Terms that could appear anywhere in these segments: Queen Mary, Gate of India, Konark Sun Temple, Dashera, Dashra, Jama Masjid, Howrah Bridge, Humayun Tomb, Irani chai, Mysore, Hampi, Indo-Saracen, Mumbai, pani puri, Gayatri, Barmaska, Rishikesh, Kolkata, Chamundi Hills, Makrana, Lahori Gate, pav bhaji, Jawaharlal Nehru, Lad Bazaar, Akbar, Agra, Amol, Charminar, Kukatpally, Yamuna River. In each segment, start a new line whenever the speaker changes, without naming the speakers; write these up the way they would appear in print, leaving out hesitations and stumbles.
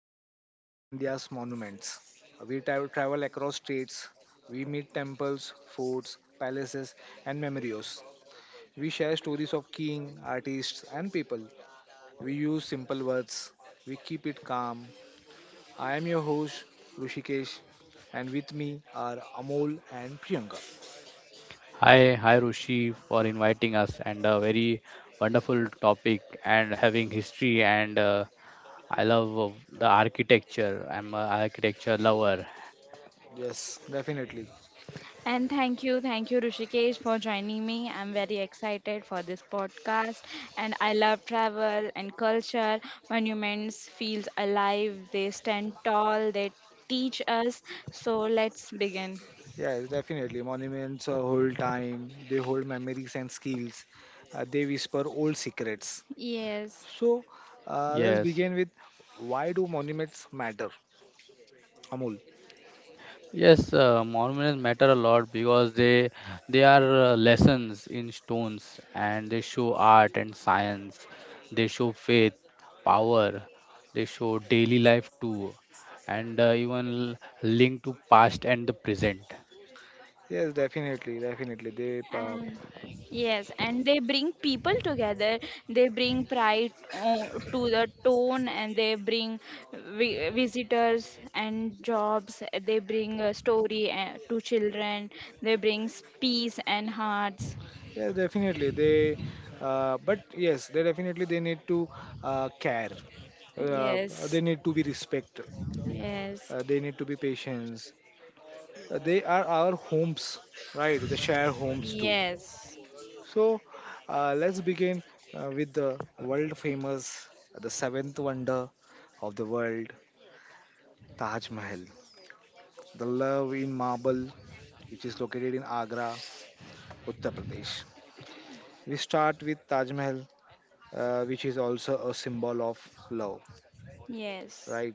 podcast on India's monuments. Travel across states, we meet temples, forts, palaces, and memorials. We share stories of king, artists, and people. We use simple words, we keep it calm. I am your host, Rushikesh, and with me are Amol and Priyanka.
Hi, Rushi, for inviting us, and a very wonderful topic and having history, and I love the architecture. I'm an architecture lover.
Yes, definitely.
And thank you, Rushikesh, for joining me. I'm very excited for this podcast, and I love travel and culture. Monuments feels alive. They stand tall. They teach us. So let's begin.
Yes, definitely. Monuments hold time, they hold memories and skills, they whisper old secrets.
Yes.
So, let's
Yes,
begin with why do monuments matter, Amul?
yes, monuments matter a lot because they are lessons in stones, and they show art and science. They show faith, power. They show daily life too, and even linked to past and the present.
Yes, definitely, definitely. They,
And yes, and they bring people together. They bring pride, to the town, and they bring visitors and jobs. They bring a story, to children. They brings peace and hearts.
yes, definitely. They, but yes, they definitely they need to care. Uh, they
Yes,
need to be respected.
yes,
They need to be patience. They are our homes, right? The share homes too.
yes,
So let's begin with the world famous, the seventh wonder of the world, Taj Mahal, the love in marble, which is located in Agra, Uttar Pradesh. We start with Taj Mahal, which is also a symbol of love,
yes,
right?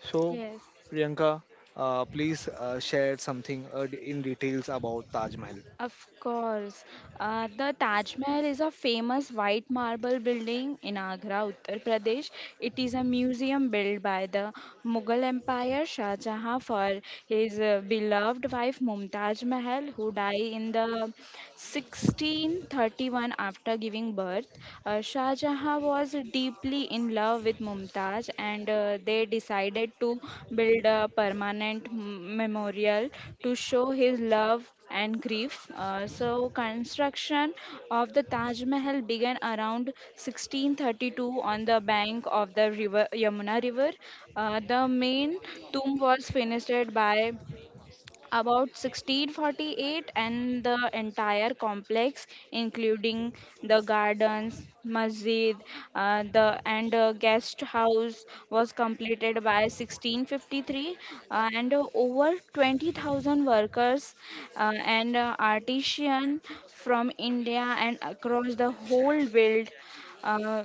So,
yes.
Priyanka, please share something in details about Taj Mahal.
Of course. The Taj Mahal is a famous white marble building in Agra, Uttar Pradesh. It is a museum built by the Mughal Empire Shah Jahan for his beloved wife Mumtaz Mahal, who died in the 1631 after giving birth. Shah Jahan was deeply in love with Mumtaz, and they decided to build a permanent memorial to show his love and grief. So, construction of the Taj Mahal began around 1632 on the bank of the river Yamuna River. The main tomb was finished by about 1648, and the entire complex including the gardens masjid, the and guest house was completed by 1653, and over 20,000 workers, and artisan from India and across the whole world, uh,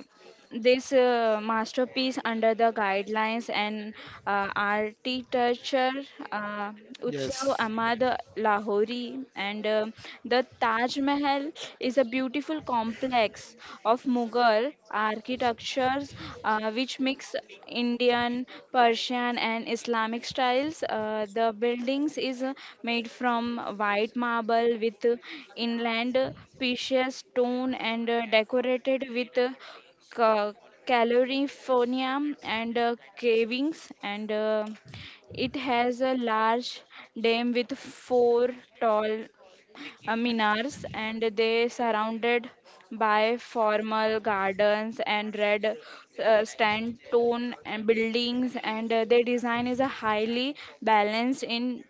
this masterpiece under the guidelines and, architecture, uh, Utsav Ahmad Lahori, and the Taj Mahal is a beautiful complex of Mughal architectures, which mix Indian, Persian and Islamic styles. The buildings is made from white marble with inland precious stone and decorated with ca- California and cavings, and it has a large dam with four tall, minars, and they surrounded by formal gardens and red, sandstone and buildings, and their design is a highly balanced in,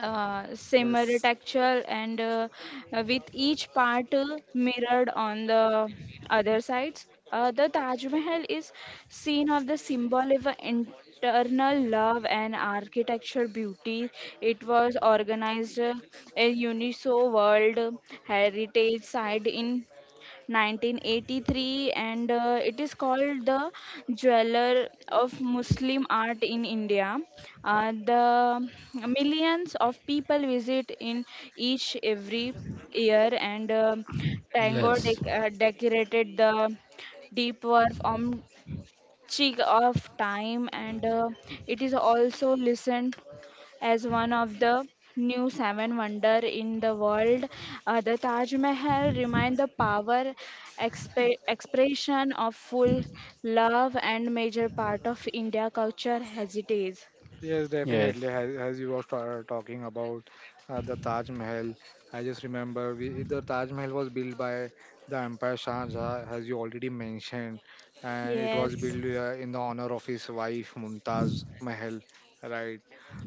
simmer
Yes.
texture, and with each part mirrored on the other sides. The Taj Mahal is seen of the symbol of a internal love and architecture beauty. It was organized, a UNESCO World Heritage Site in 1983, and it is called the jeweler of Muslim art in India, the millions of people visit in each every year, and
Yes.
decorated the deep work on check of time, and it is also listened as one of the new seven wonder in the world. The Taj Mahal remind the power expression of full love and major part of India culture heritage.
Yes,
Yes.
definitely. As you were talking about the Taj Mahal, I just remember we, the Taj Mahal was built by the emperor Shah Jahan, as you already mentioned, and it was
Yes,
built in the honor of his wife Mumtaz Mahal, right?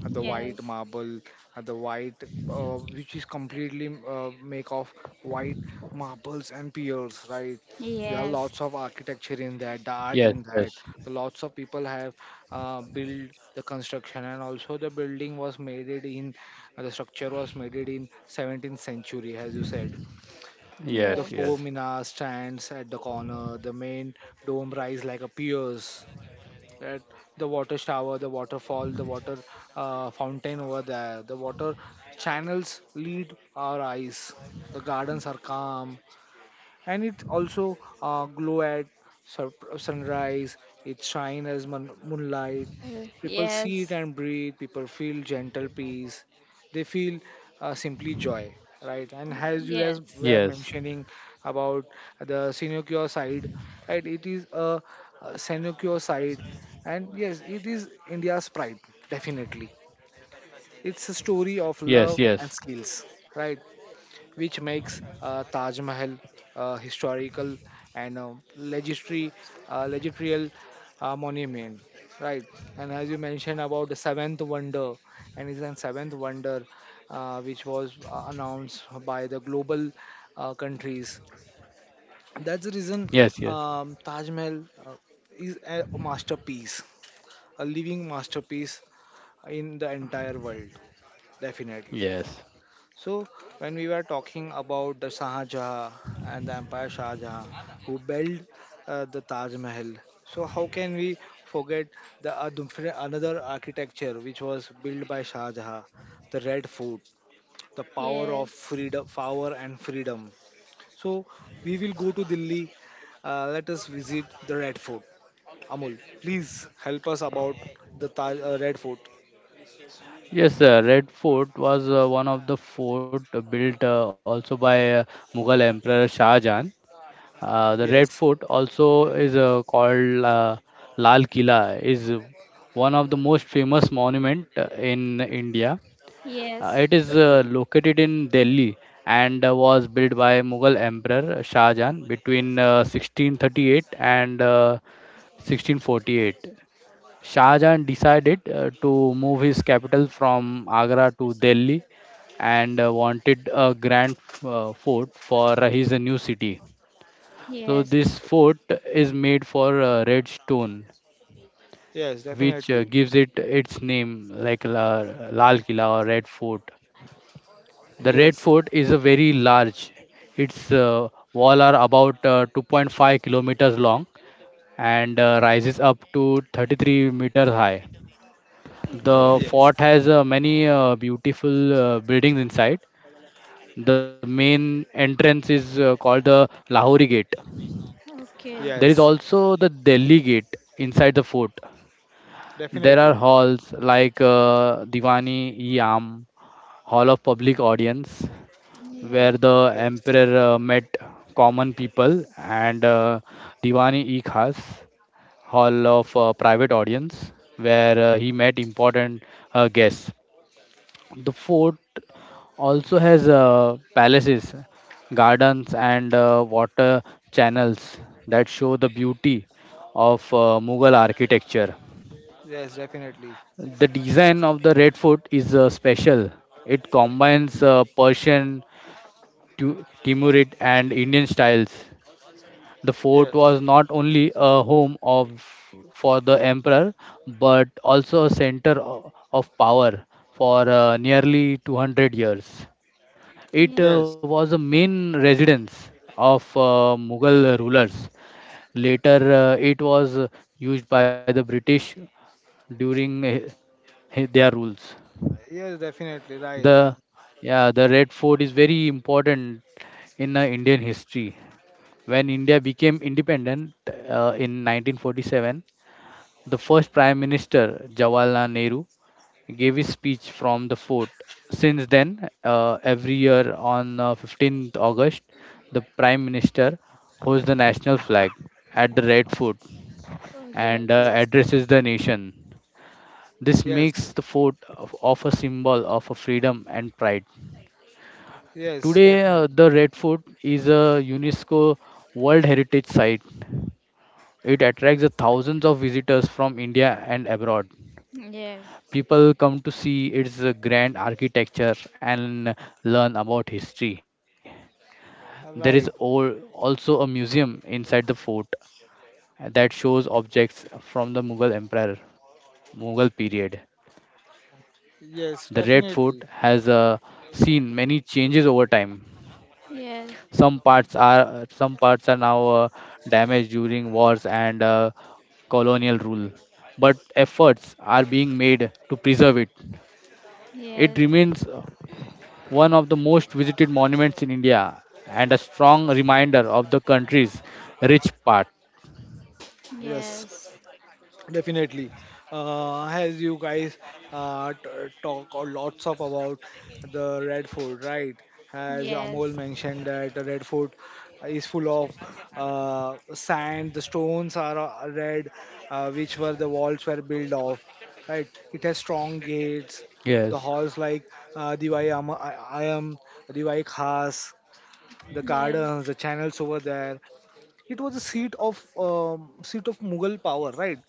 The white
yes,
marble, uh, the white, which is completely make of white marbles and piers, right? There are
yes,
lots of architecture in that, the
Yes,
art in
yes,
that. The lots of people have build the construction and also the structure was made it in 17th century as you said. The
yes, yes,
four
yes.
minar stands at the corner. The main dome rise like a piers that the water shower, the waterfall, the water fountain over there, the water channels lead our eyes. The gardens are calm, and it also glow at sunrise, it shine as moonlight. People see
Yes.
it and breathe, people feel gentle peace, they feel simply joy, right? And as you as
Yes,
were
yes,
mentioning about the sinecure side, right? It is a sinecure side, and yes, it is India's pride, definitely. It's a story of love
yes, yes,
and
yes,
skills, right, which makes Taj Mahal historical and legendary monument, right? And as you mentioned about the seventh wonder, and it's a seventh wonder which was announced by the global countries. That's the reason
yes,
Taj Mahal is a masterpiece, a living masterpiece in the entire world, definitely.
yes.
So, when we were talking about the Shah Jahan and the Empire Shah Jahan who built the Taj Mahal, so how can we forget the another architecture which was built by Shah Jahan, the Red Fort, the power of
yes,
freedom, power and freedom. So, we will go to Delhi. Let us visit the Red Fort. Amul, please help us about the Red Fort.
Yes, Red Fort was one of the fort built also by Mughal Emperor Shah Jahan. The Red
Yes,
Fort also is called Lal Kila, is one of the most famous monument in India. Uh,
yes,
it is
definitely.
located in Delhi, and was built by Mughal Emperor Shah Jahan between 1638 and 1648. Shah Jahan decided to move his capital from Agra to Delhi, and wanted a grand fort for his new city. So
yes,
this fort is made for red stone,
Yes,
which
definitely.
gives it its name, like Lal Killa or Red Fort. The Red
Yes,
Fort is a very large. Its wall are about 2.5 kilometers long, and rises up to 33 meters high.
okay,
The
yes.
fort has many beautiful buildings inside. The main entrance is called the Lahori Gate.
okay.
There is
Yes,
also the Delhi Gate inside the fort. There are
definitely.
halls like Diwani, Yam, Hall of Public Audience, where
Yes,
the
Yes,
emperor met common people, and Diwani e Khas, hall of private audience, where he met important guests. The fort also has palaces, gardens, and water channels that show the beauty of Mughal architecture.
yes, definitely.
The design of the Red Fort is special. It combines Persian, Timurid, and Indian styles. The fort
Yes,
was not only a home of for the emperor, but also a center of power for nearly 200 years. It
yes,
yes,
was a main residence of Mughal rulers. Later, it was used by the British during their rules.
yes, definitely. Right.
The Yeah, the Red Fort is very important in Indian history. When India became independent in 1947, the first Prime Minister, Jawaharlal Nehru, gave his speech from the fort. Since then, every year on 15th August, the Prime Minister hosts the national flag at the Red Fort,
oh, yes,
and
Yes,
addresses the nation. This makes
yes,
the fort of a symbol of a freedom and pride.
yes,
Today,
definitely.
the Red Fort is a UNESCO World Heritage Site. It attracts the thousands of visitors from India and abroad.
yes,
People come to see its grand architecture and learn about history. There is
Right.
also a museum inside the fort that shows objects from the Mughal Empire, Mughal period. The Red Fort
Yes,
has
definitely.
seen many changes over time. Some parts
yes,
are some parts are now damaged during wars and colonial rule, but efforts are being made to preserve it. It
yes,
remains one of the most visited monuments in India, and a strong reminder of the country's rich part.
Yes.
yes,
Definitely. As you guys uh, t- talk or lots of about the Red Fort, right? As Amol
yes,
mentioned that the Red Fort is full of sand. The stones are red, which were the walls were built of, right? It has strong gates. The
Yes,
halls like uh, Diwai Am- I- Ayam, Diwai Khas, the gardens,
yes,
the channels over there. It was a seat of Mughal power, right?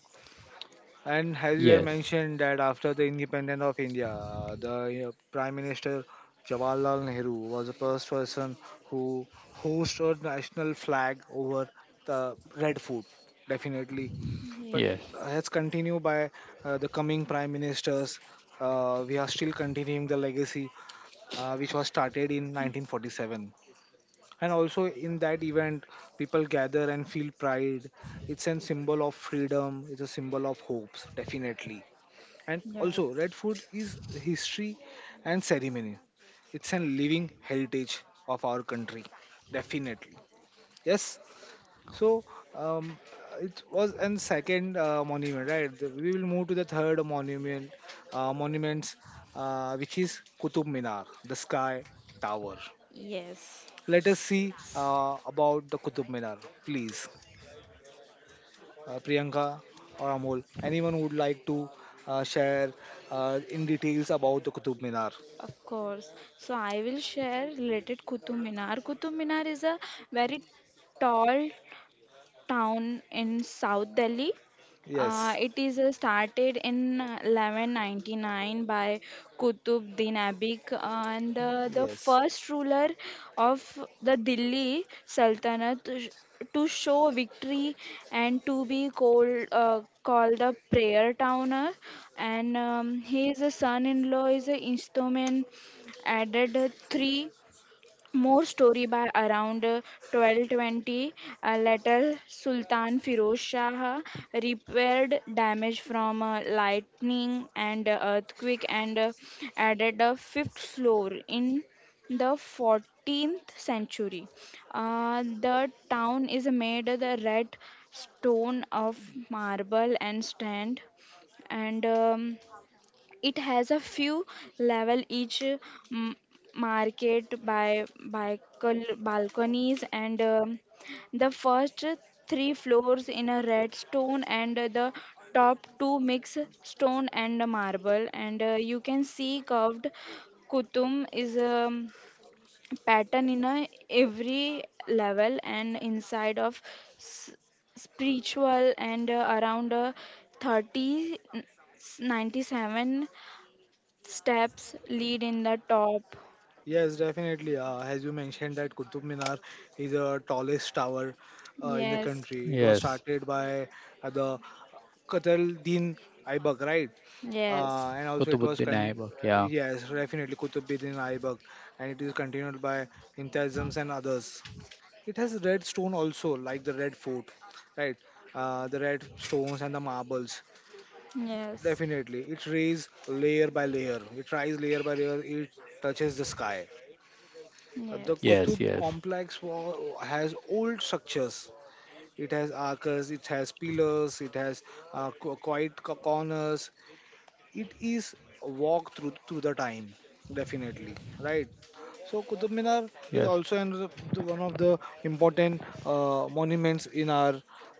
And as you
yes,
have mentioned that after the independence of India, the Prime Minister Jawaharlal Nehru was the first person who hoisted a national flag over the red fort, definitely. But
yes,
yes,
as continued by the coming Prime Ministers, we are still continuing the legacy which was started in 1947. And also in that event, people gather and feel pride. It's a symbol of freedom. It's a symbol of hopes, definitely, and also,
yes.
red food is history and ceremony. It's a living heritage of our country, definitely. Yes. So, um, it was and second monument, right? We will move to the third monument, monuments, which is Qutub Minar, the Sky Tower.
Yes,
Let us see about the Qutub Minar, please. Priyanka or Amol, anyone would like to share in details about the Qutub Minar?
of course. So I will share related Qutub Minar. Qutub Minar is a very tall town in South Delhi. Uh,
Yes,
it is uh, started in, 1199 by Qutbuddin Aibak, and the
yes,
first ruler of the Delhi Sultanate, to show victory and to be called, called the prayer towner. And his son-in-law is a instrument added, three more story by around, 1220. Later Sultan Firoz Shah repaired damage from lightning and earthquake, and added a fifth floor in the 14th century. The town is made of the red stone of marble and stand, and it has a few level each, market by balconies, and the first three floors in a red stone, and the top two mix stone and marble, and you can see curved kutum is a pattern in a every level, and inside of s- spiritual, and around 30 97 steps lead in the top.
yes, definitely. As you mentioned, that Qutub Minar is the tallest tower in the
Yes,
country. It was
yes.
started by the Qataluddin Aibak, right?
yes,
And also it was
Kutubuddin Aibak, yeah.
yes, definitely Qutbuddin Aibak, and it is continued by Intezams and others. It has red stone also, like the red fort, right? The red stones and the marbles.
yes,
Definitely, it rays layer by layer. It rise layer by layer. It touches the sky. The
yes,
Yes,
Qutub
yes,
complex has old structures. It has arches. It has pillars. It has corners. It is a walk through the time. Definitely, right. So Qutub Minar is
yes,
also another, one of the important monuments in our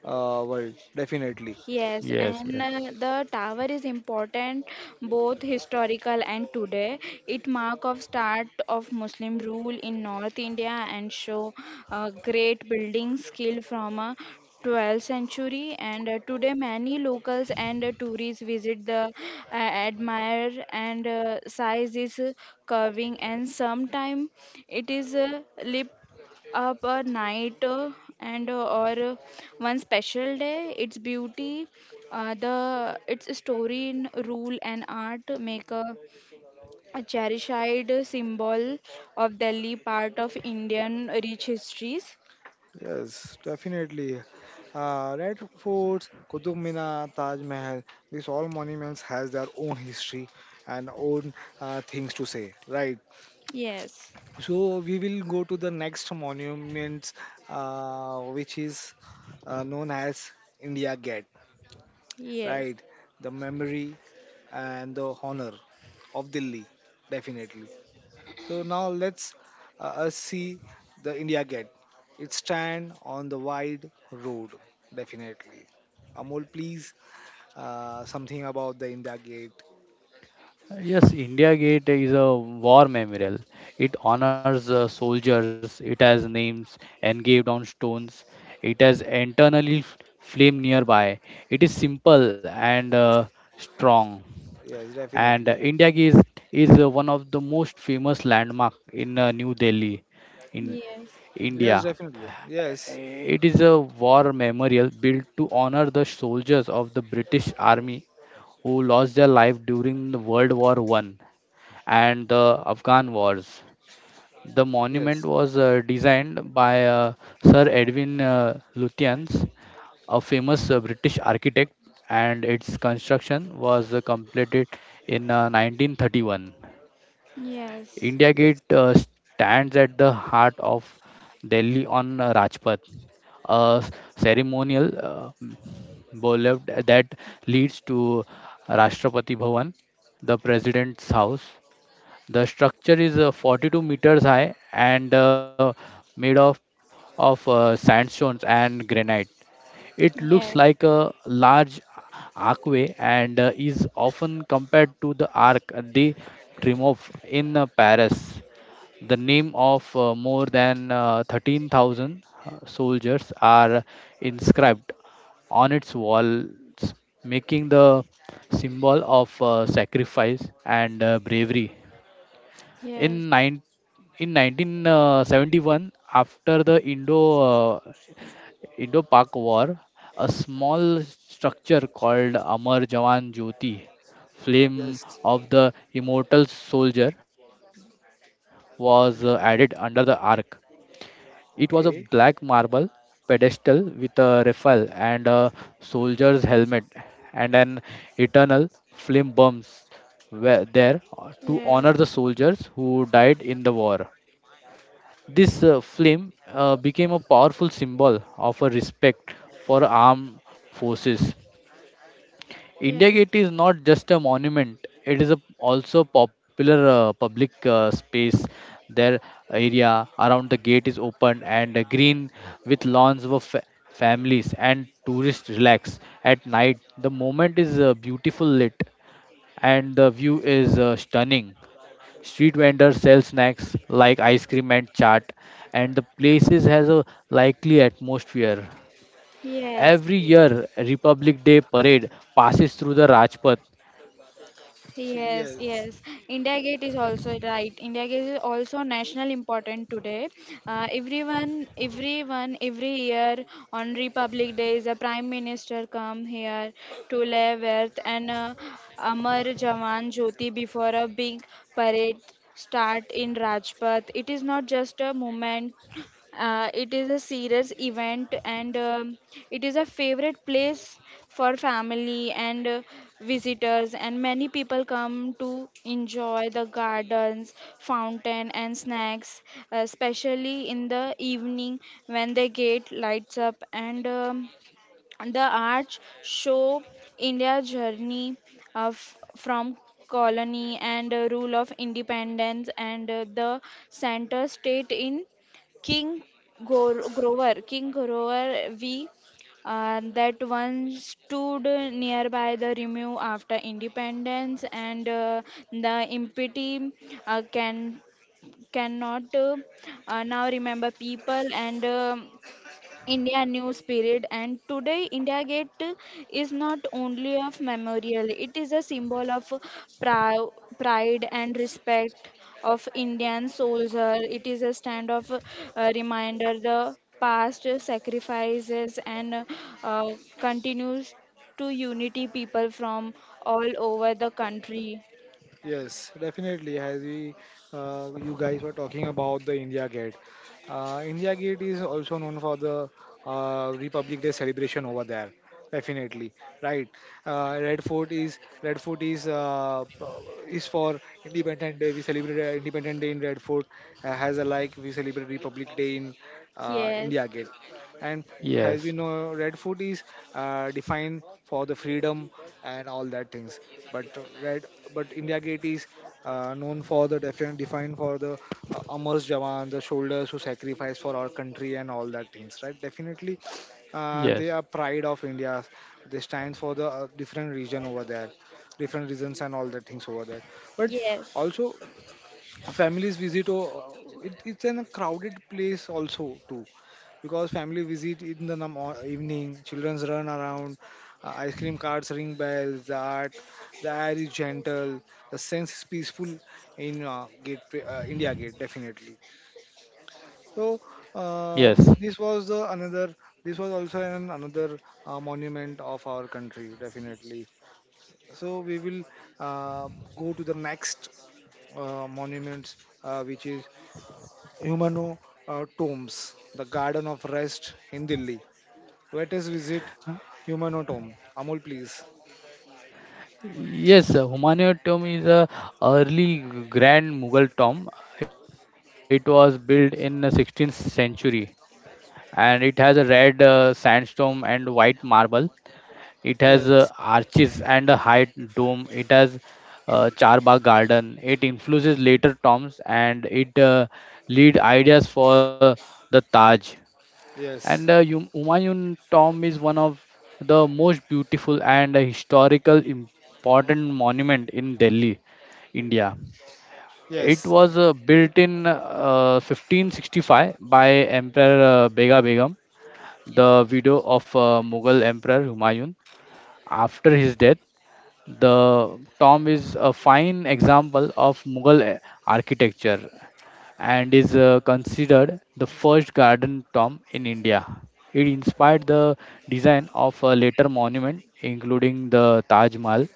world. Definitely,
yes.
yes, yes.
And the tower is important both historical and today. It mark of start of Muslim rule in North India and show great building skill from 12th century, and today many locals and tourists visit the, admire, and size is curving, and sometime it is lip up a night, and or one special day its beauty, the its story in rule and art make a cherished symbol of Delhi part of Indian rich histories.
yes, definitely. Red Forts, Qutub Minar, Taj Mahal, these all monuments has their own history and own things to say, right?
Yes,
So we will go to the next monument, which is known as India Gate,
yes,
right? The memory and the honor of Delhi, definitely. So now let's see the India Gate. It stand on the wide road, definitely. Amol, please, something about the India Gate.
Yes, India Gate is a war memorial. It honors soldiers, it has names engraved on stones, it has internally flame nearby. It is simple and strong.
Yes,
And
definitely.
India Gate is one of the most famous landmark in New Delhi, in
yes,
Yes,
India.
definitely. Yes,
It is a war memorial built to honor the soldiers of the British Army who lost their life during the World War I and the Afghan Wars. The monument
yes,
was designed by Sir Edwin Lutyens, a famous British architect, and its construction was completed in 1931.
yes,
India
yes,
Gate stands at the heart of Delhi on Rajpath, a ceremonial boulevard that leads to Rashtrapati Bhavan, the President's House. The structure is 42 meters high and made of sandstones and granite. It looks like a large archway, and is often compared to the Arc de Triomphe in Paris. The name of more than 13,000 soldiers are inscribed on its walls, making the symbol of sacrifice and bravery.
yes,
In
yes,
nine in 1971, after the uh, Indo-Pak War, a small structure called Amar Jawan Jyoti, flame
yes,
of the immortal soldier, was added under the
definitely.
arc. It was a black
Okay.
marble pedestal with a rifle and a soldier's helmet, and an eternal flame burns were there to
yes,
honor the soldiers who died in the war. This film became a powerful symbol of a respect for armed forces. India
yes,
Gate is not just a monument; it is also popular public space. Their area around the gate is open and green, with lawns for families and tourists relax. At night, the moment is beautiful lit, and the view is stunning. Street vendors sell snacks like ice cream and chaat, and the places has a lively atmosphere.
yes.
Every year, Republic Day parade passes through the Rajpath.
Yes,
Yes,
yes. India Gate is also right. India Gate is also national important today. Everyone, every year on Republic Day, the Prime Minister come here to lay earth and, Amar Jawan Jyoti before a big parade start in Rajpath. It is not just a moment, it is a serious event, and it is a favorite place for family and, visitors, and many people come to enjoy the gardens fountain and snacks, especially in the evening when they get lights up, and the arch show India's journey of from colony and, rule of independence, and the center state in, King Grover. King Grover V, that once stood nearby the remove after independence, and the impeachment, uh, can cannot, now remember people, and India new spirit, and today India Gate is not only of memorial, it is a symbol of prou- pride and respect of Indian soldier. It is a stand of, reminder the past sacrifices, and uh, continues to unity people from all over the country.
yes, definitely. As we, you guys were talking about the India Gate. India Gate is also known for the Republic Day celebration over there. Definitely, right. Red Fort is is for Independence Day. We celebrate Independence Day in Red Fort. Has a like we celebrate Republic Day in
Yes,
India Gate, and as
Yes,
we know, red food is defined for the freedom and all that things, but red but india gate is known for the defin- defined for the amar jawan, the soldiers who sacrifice for our country and all that things, right, definitely. Uh,
yes,
they are pride of india, they stand for the different regions and all the things over there, but
yes,
also families visit. Oh, it's in a crowded place also too, because family visit in the evening, childrens run around, ice cream carts ring bells. The art, the air is gentle, the sense is peaceful in gate india gate, definitely. So
yes,
this was the another, this was also an another monument of our country, definitely. So we will uh, go to the next monuments, which is Humano Tombs, the Garden of Rest in Delhi. Let us visit Humano Tomb. Amol, please.
yes. Humayun tomb is a early Grand Mughal tomb. It was built in the 16th century, and it has a red sandstone and white marble. It has
Yes,
arches and a high dome. It has Charbagh Garden. It influences later tombs, and it lead ideas for the Taj. And uh,
yes,
Hum- Humayun Tomb is one of the most beautiful and historical important monument in Delhi, India. It
yes,
was built in 1565 by Emperor Bega Begum, the widow of Mughal Emperor Humayun, after his death. The tomb is a fine example of Mughal architecture, and is considered the first garden tomb in India. It inspired the design of a later monument, including the Taj Mahal.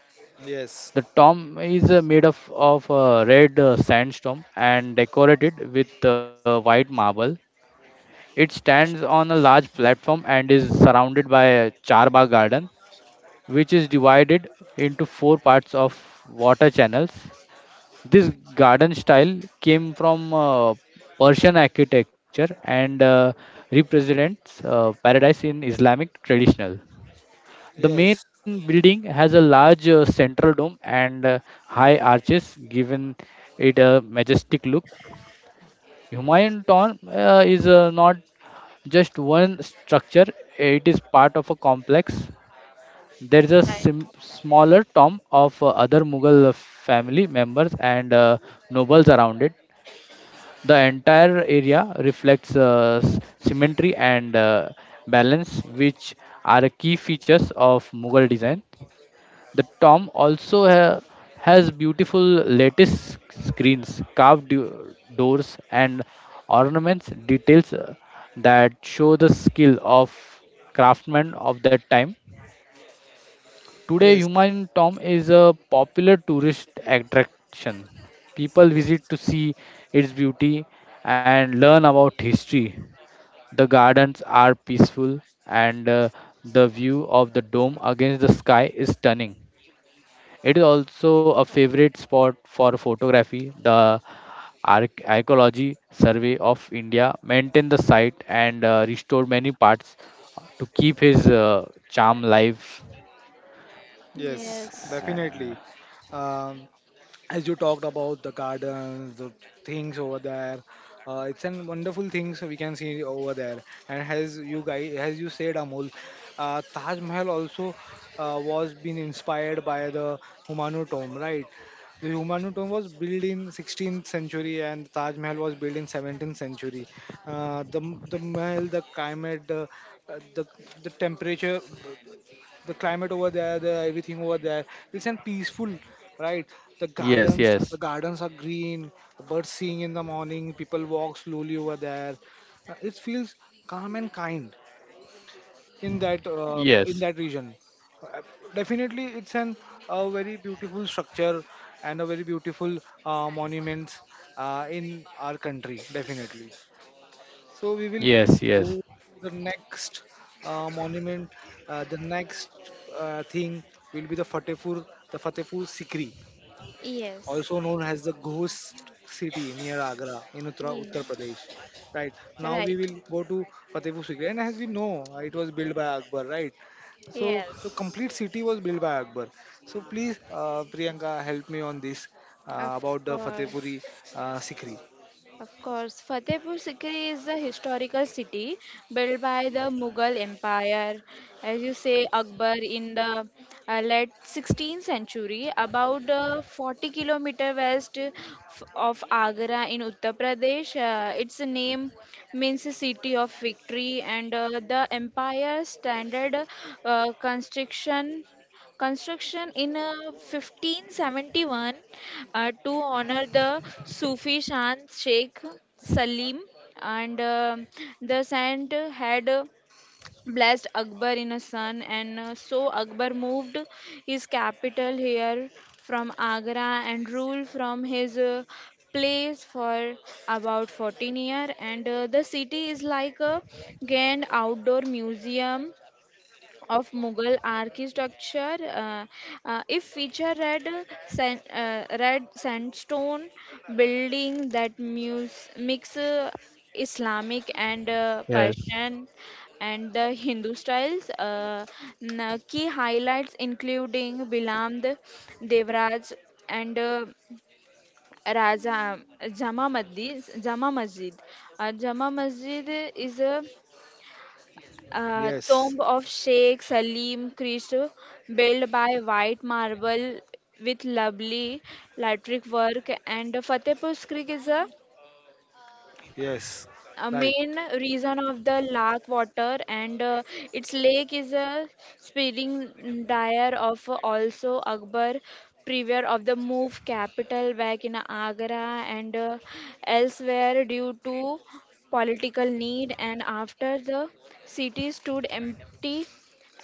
yes,
The tomb is made of red sandstone, and decorated with white marble. It stands on a large platform and is surrounded by a Charbagh garden, which is divided into four parts of water channels. This garden style came from Persian architecture, and represents paradise in Islamic traditional. The
yes,
main building has a large central dome and high arches, giving it a majestic look. Humayun Tomb is not just one structure, it is part of a complex. There is a
right,
smaller tomb of other Mughal family members and nobles around it. The entire area reflects symmetry and balance, which are key features of Mughal design. The tomb also has beautiful lattice screens, carved doors, and ornaments, details that show the skill of craftsmen of that time. Today,
yes,
human tomb is a popular tourist attraction. People visit
yes,
to see its beauty and learn about history. The gardens are peaceful, and the view of the dome against the sky is stunning. It is also a favorite spot for photography. The Archaeology Survey of India maintained the site, and restored many parts to keep his charm live.
yes,
yes,
definitely.
Uh,
Um, as you talked about the gardens, the things over there, it's an wonderful things we can see over there, and as you guys as you said Amol, taj mahal also was been inspired by the humanu tomb, right? The humanu tomb was built in 16th century and taj mahal was built in 17th century. Uh, the mahal the climate uh, the the temperature, the climate over there, the everything over there. It's an peaceful, right?
yes,
The
yes,
gardens are green. Birds singing in the morning. People walk slowly over there. It feels calm and kind
yes,
in that region. Uh, Definitely, it's an a very beautiful structure and a very beautiful monuments in our country. Definitely. So we will
yes,
go
yes,
to the next monument. The next thing will be the Fatehpur Sikri,
yes,
also known as the Ghost City near Agra in
yeah,
Uttar Pradesh. Right now we
right,
will go to Fatehpur Sikri, and as we know, it was built by Akbar, right? So the
yes.
complete city was built by Akbar. So please, Priyanka, help me on this
Of
about the Fatehpuri
course,
Sikri.
of course. Fatehpur Sikri is a historical city built by the Mughal Empire, as you say, Akbar in the late 16th century, about 40 kilometer of Agra in Uttar Pradesh. Its name means city of victory, and the empire standard, uh, construction construction in, 1571, to honor the Sufi Shant Sheikh Salim, and the saint had blessed Akbar in a son, and so Akbar moved his capital here from Agra and ruled from his, place for about 14 year, and the city is like a grand outdoor museum of Mughal architecture. If feature red, sand, Red sandstone building that, mix, Islamic and
yes,
Persian and the Hindu styles. Key highlights including Bilamd, Devraj, and Raja Jama Masjid. Jama Masjid is a
Yes.
tomb of Sheikh Salim Krishna, built by white marble with lovely lateric work, and Fatehpur Creek is
Yes.
a
Right.
main reason of the lake water, and its lake is a spilling dire of also Akbar, prior of the move capital back in Agra and elsewhere due to political need, and after the city stood empty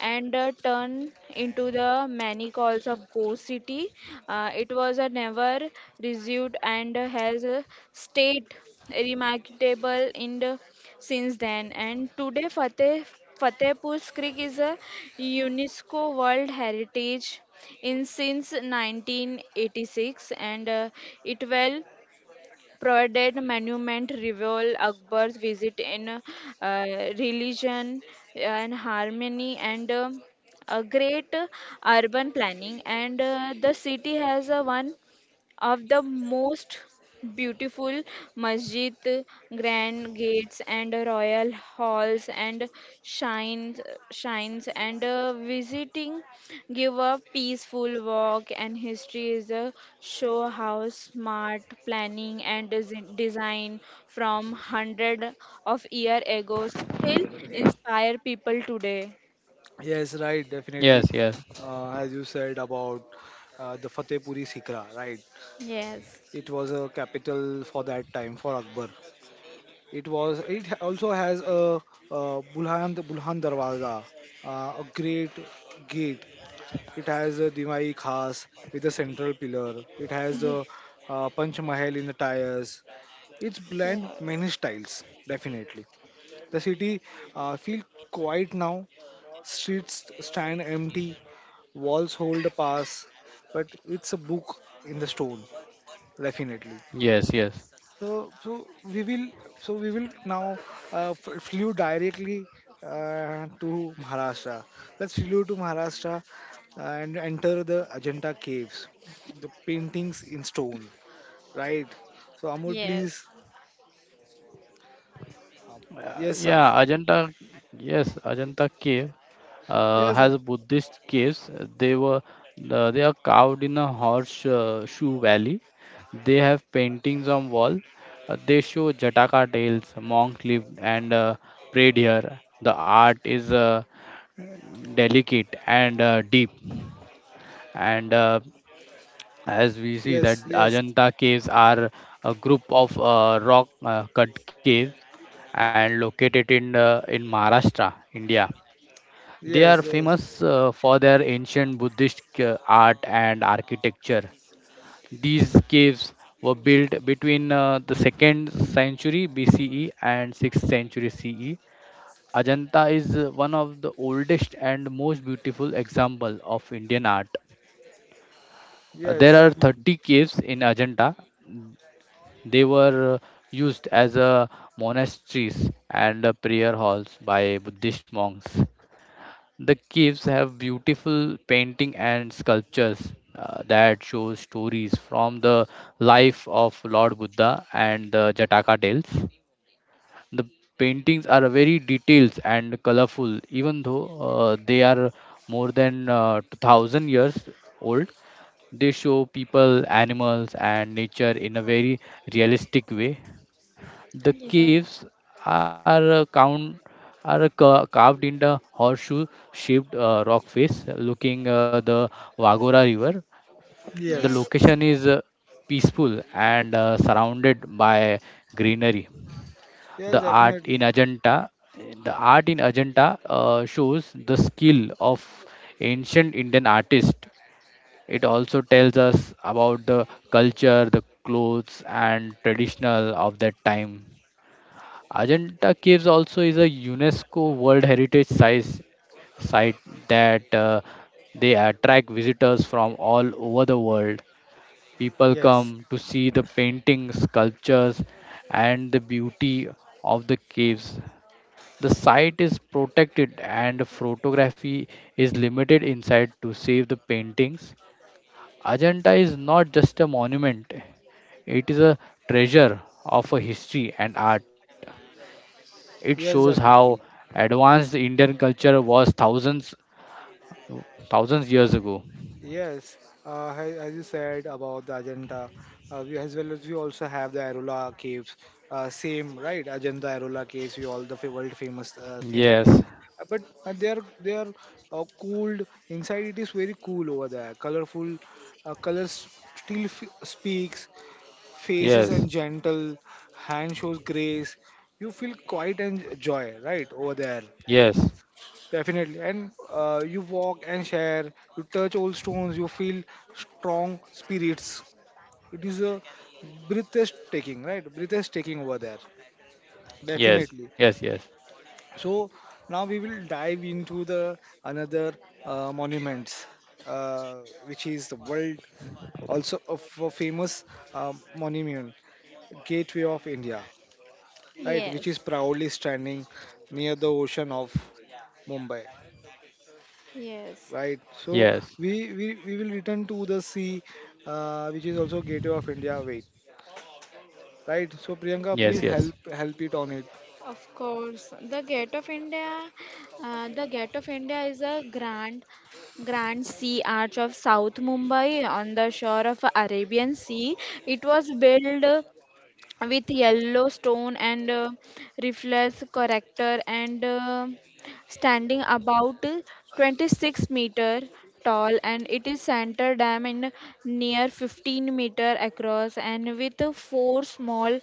and turn into the many calls of Ghost City. It was a never resumed, and has stayed remarkable in the, since then. And today, Fatehpur Creek is a UNESCO World Heritage in since 1986, and it well provided monument reveal Akbar's visit in, uh, religion and harmony, and a great urban planning, and the city has a one of the most beautiful masjid, grand gates and royal halls and shines, shines, and visiting give a peaceful walk, and history is a show how smart planning and design from hundred of year ago still inspire people today.
Yes, right, definitely.
yes, yes,
As you said about the Fatehpuri Sikra, right?
Yes.
It was a capital for that time for Akbar. It was. It also has a, uh, Bulhan Darwaza, a great gate. It has a Dimai Khas with a central pillar. It has
Yes.
a Panch Mahal in the tires. It's blend
Yes.
many styles, definitely. The city feel quiet now. Streets stand empty. Walls hold a pass, but it's a book in the stone, definitely.
yes, yes.
So, so we will now flew directly to Maharashtra. Let's flew to Maharashtra and enter the Ajanta caves, the paintings in stone, right? So Amol,
Yes.
please, uh,
Uh,
yes, sir.
yeah, Ajanta, yes, Ajanta Cave
Yes, sir.
has Buddhist caves. They were they are carved in a horse shoe valley. They have paintings on wall. They show Jataka tales, monk lived and prayed here. The art is delicate and deep, and as we see that
Yes, yes,
Ajanta caves are a group of rock cut caves and located in Maharashtra, India. They are
yes, yes,
famous for their ancient Buddhist art and architecture. These caves were built between the 2nd century BCE and 6th century CE. Ajanta is one of the oldest and most beautiful example of Indian art. Uh,
yes,
There are
definitely,
30 caves in Ajanta. They were used as monasteries and prayer halls by Buddhist monks. The caves have beautiful painting and sculptures that show stories from the life of Lord Buddha and the Jataka tales. The paintings are very detailed and colorful, even though they are more than 2000 years old. They show people, animals, and nature in a very realistic way. The
Yes.
caves are uh, count are carved in the horseshoe-shaped rock face, looking the Wagora River. The
yes,
Yes.
location is peaceful and surrounded by greenery.
yes,
The art in
definitely,
Ajanta, the art in Ajanta shows the skill of ancient Indian artists. It also tells us about the culture, the clothes, and traditional of that time. Ajanta Caves also is a UNESCO World Heritage size site that they attract visitors from all over the world. People
yes,
come to see the paintings, sculptures, and the beauty of the caves. The site is protected and photography is limited inside to save the paintings. Ajanta is not just a monument, it is a treasure of a history and art. It
yes,
shows how
definitely.
advanced the Indian culture was thousands years ago.
Yes, as you said about the Ajanta, we, as well as we also have the Arula caves. Same, right? Ajanta, Arula caves, we all the world famous thing.
Yes,
But they are cooled inside. It is very cool over there. Colorful, colors still speaks. Faces and
yes,
gentle, hand shows grace. You feel quiet and joy, right? Over there.
yes,
Definitely. And you walk and share, you touch old stones, you feel strong spirits. It is a breathtaking, right? Breathtaking over there.
yes, yes, yes,
Definitely. So now we will dive into the another monuments, which is the world also of a famous monument, Gateway of India, right? Which is
Yes.
proudly standing near the ocean of Mumbai.
Yes,
Right. So
yes,
we will return to the sea, which is also gateway of India. Wait. Right. So Priyanka,
yes,
please
yes,
yes, yes,
help it on it.
of course. The Gate of India is a grand, grand sea arch of South Mumbai on the shore of Arabian Sea. It was built with yellow stone, and reflects character, and standing about, 26-meter tall, and it is center dam in near 15-meter across, and with four small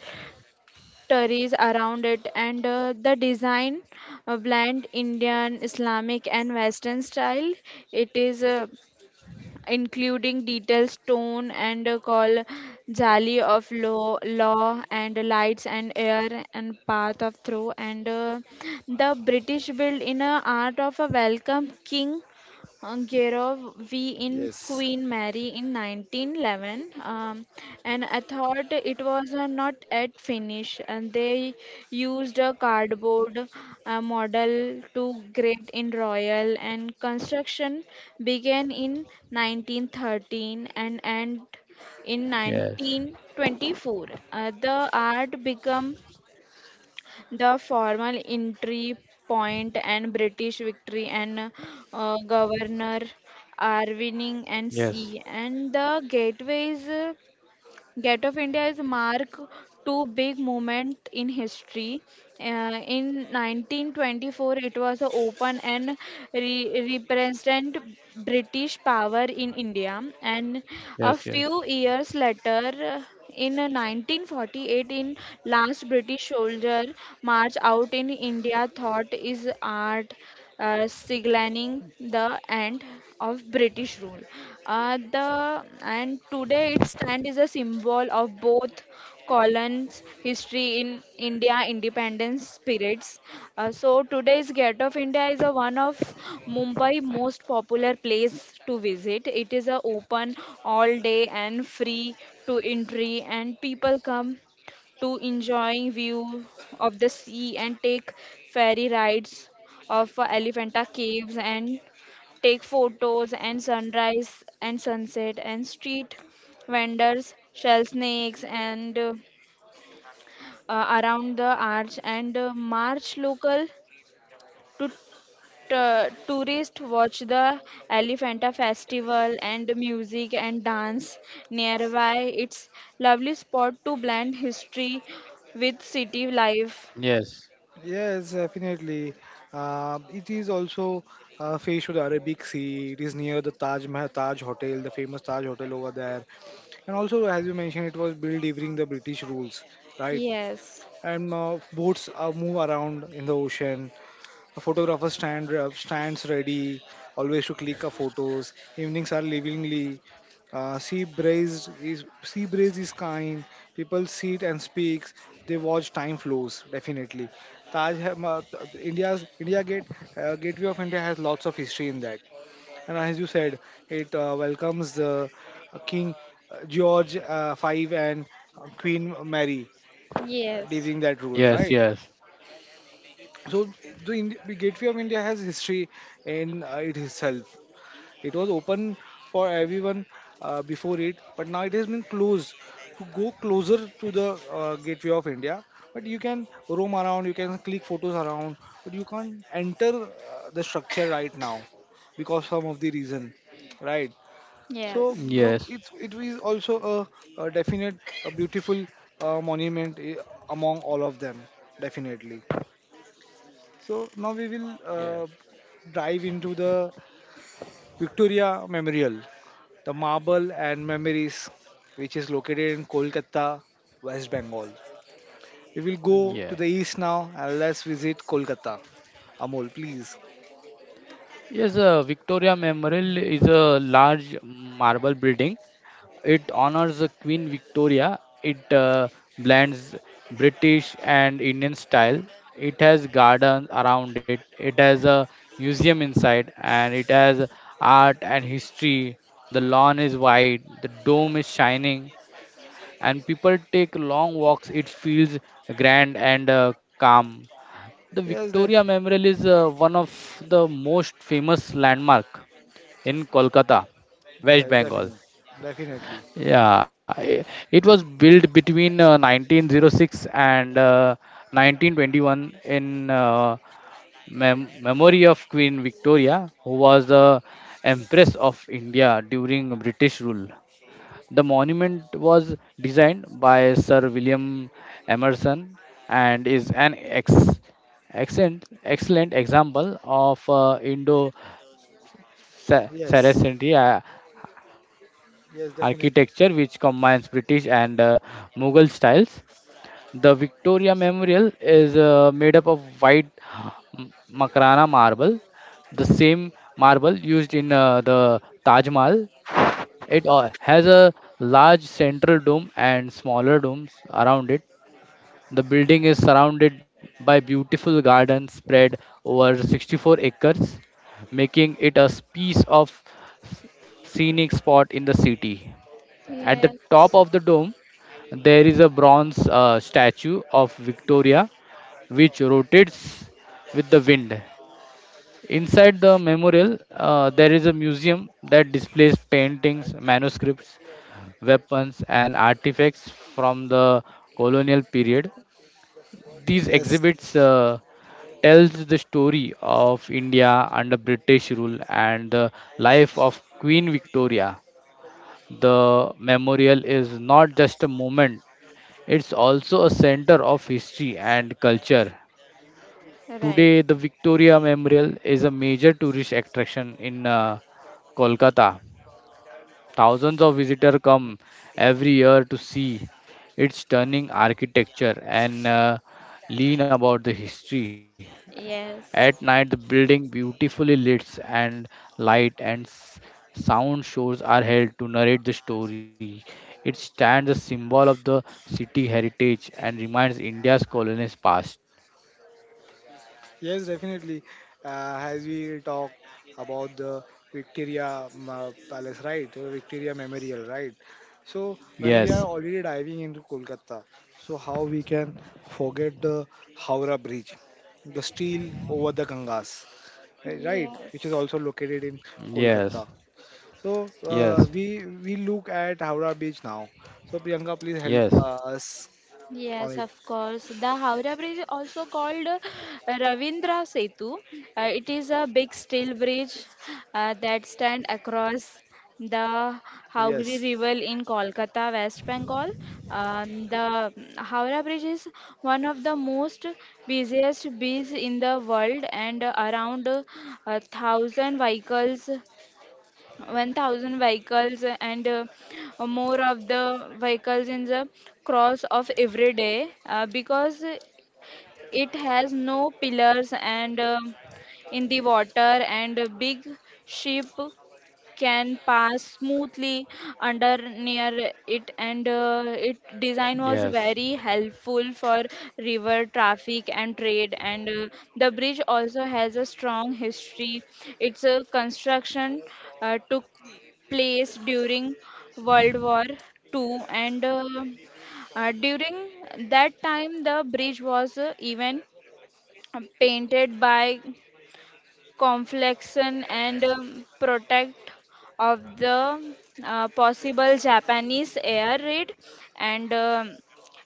stories around it, and the design blend Indian Islamic and western style. It is including detailed stone and call jali of law, law and lights and air and path of through, and the British built in a art of a welcome king, Gerov V in
Yes.
Queen Mary in 1911, and I thought it was not at finish, and they used a cardboard model to grade in Royal, and construction began in 1913 and end
yes,
in 1924. The art became the formal entry point and British victory, and governor are winning and
yes,
sea and the gateways. Gate of India is mark two big moment in history. Uh, in 1924, it was a open and represent British power in India, and a
yes, yes,
few
yes,
years later, in 1948, in last British soldier march out in India, thought is art, signaling the end of British rule. The and today it stands as a symbol of both colons' history in India independence spirits. So today's Gate of India is a one of Mumbai most popular place to visit. It is a open all day and free to entry, and people come to enjoying view of the sea and take ferry rides of Elephanta Caves and take photos and sunrise and sunset and street vendors shell snakes and around the arch and march local to tourist watch the elephanta festival and music and dance nearby it's lovely spot to blend history with city life.
yes,
Yes, definitely. It is also faced with the Arabic Sea. It is near the Taj Mahal, Taj Hotel, the famous Taj Hotel over there. And also, as you mentioned, it was built during the British rules, right?
Yes.
And boats move around in the ocean. A photographer stands ready, always to click a photos. Evenings are livingly. Sea breeze is kind. People sit and speaks. They watch time flows definitely. Taj Ham- uh, India's India Gate Gateway of India has lots of history in that, and as you said, it welcomes the King George V and Queen Mary
Yes.
during that rule,
yes,
right? So the Gateway of India has history in it itself. It was open for everyone before it, but now it has been closed to go closer to the Gateway of India. But you can roam around, you can click photos around, but you can't enter the structure right now because some of the reason, right? So,
Yes.
so it's it is also a definite, a beautiful monument among all of them, definitely. So now we will dive into the Victoria Memorial, the marble and memories, which is located in Kolkata, West Bengal. We will
yes,
go to the
yes.
east now and let's visit Kolkata. Amol, please.
Yes, Victoria Memorial is a large marble building. It honors the Queen Victoria. It blends British and Indian style. It has gardens around it. It has a museum inside, and it has art and history. The lawn is wide. The dome is shining, and people take long walks. It feels grand and calm. The
Yes, def.
Victoria Memorial is one of the most famous landmark in Kolkata,
Yes,
West
definitely.
Bengal.
Definitely.
Yeah, it was built between 1906 and 1921 in memory of Queen Victoria, who was the Empress of India during British rule. The monument was designed by Sir William Emerson and is an excellent example of Indo-Saracen
Yes. Yes, definitely.
architecture, which combines British and Mughal styles. The Victoria Memorial is made up of white Makrana marble, the same marble used in the Taj Mahal. It has a large central dome and smaller domes around it. The building is surrounded by beautiful gardens spread over 64 acres, making it a piece of scenic spot in the city. At the top
Yes.
of the dome, there is a bronze statue of Victoria which rotates with the wind. Inside the memorial, there is a museum that displays paintings, manuscripts, weapons, and artifacts from the colonial period. These
Yes.
exhibits tells the story of India under British rule and the life of Queen Victoria. The memorial is not just a monument; it's also a center of history and culture.
Right.
Today, the Victoria Memorial is a major tourist attraction in Kolkata. Thousands of visitors come every year to see its stunning architecture and learn about the history. At night,
Yes.
the building beautifully lit and light and sound shows are held to narrate the story. It stands a symbol of the city heritage and reminds India's colonist past.
Yes, definitely. As we talked about the Victoria Palace, right? Victoria Memorial, right? So when we are
Yes,
already diving into Kolkata, so how we can forget the Howrah Bridge, the steel over the Gangas, eh, right? Which is
Yes.
also located in
yes,
Kolkata. So
yes,
we look at Howrah Bridge now. So Priyanka, please help
yes,
us on
Yes,
it.
of course. The Howrah Bridge, is also called Ravindra Setu, it is a big steel bridge that stand across the Howgri
Yes,
River in Kolkata, West Bengal. The Howrah Bridge is one of the most busiest bridges in the world, and around a thousand vehicles 1000 vehicles and more of the vehicles in the cross of every day because it has no pillars and in the water, and a big ship can pass smoothly under near it. And it design was
yes,
very helpful for river traffic and trade. And the bridge also has a strong history. Its construction took place during World War Two. And. During that time, the bridge was even painted by conflection and protect of the possible Japanese air raid, and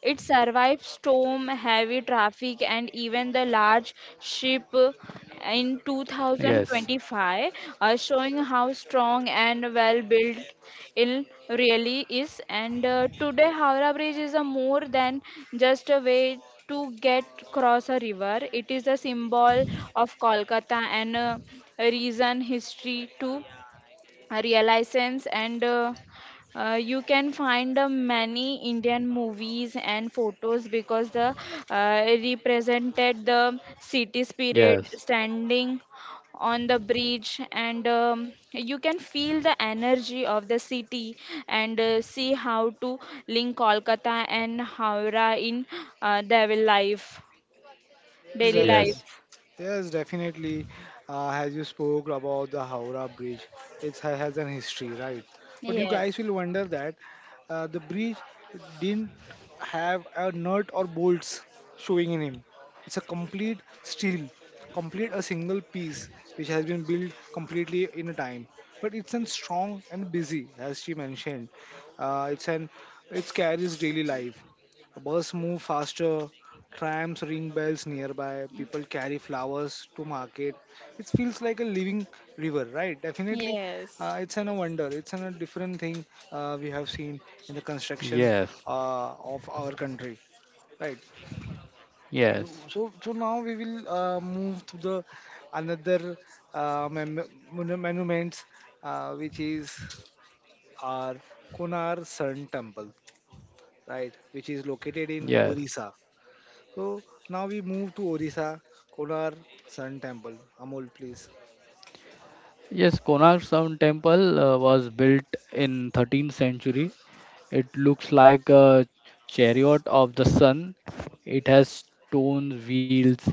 it survived storm, heavy traffic, and even the large ship in
yes,
2025, showing how strong and well built it really is. And today, Howrah Bridge is a more than just a way to get across a river. It is a symbol of Kolkata and a reason history too realizations and you can find many indian movies and photos because the uh, represented the city spirit
yes,
standing on the bridge and you can feel the energy of the city and see how to link kolkata and howrah in their life
yes,
daily
definitely.
life.
yes,
Yes, definitely. As you spoke about the Howrah Bridge, it has an history, right? But you
Yes
guys will wonder that the bridge didn't have a nut or bolts showing in him. It's a complete steel, complete a single piece which has been built completely in a time. But it's an strong and busy, as she mentioned. It's an it carries daily life. Bus move faster, Trams ring bells nearby. People carry flowers to market. It feels like a living river, right? Definitely,
yes.
it's an a wonder. It's an a different thing we have seen in the construction
yes,
of our country, right? So,
yes,
so, so now we will move to the another uh, mem- monuments, which is our Konar Sun Temple, right? Which is located in
yes.
Orissa. So now we move to Orissa, Konar Sun Temple. Amol, please.
Yes, Konark Sun Temple was built in 13th century. It looks like a chariot of the sun. It has stone wheels.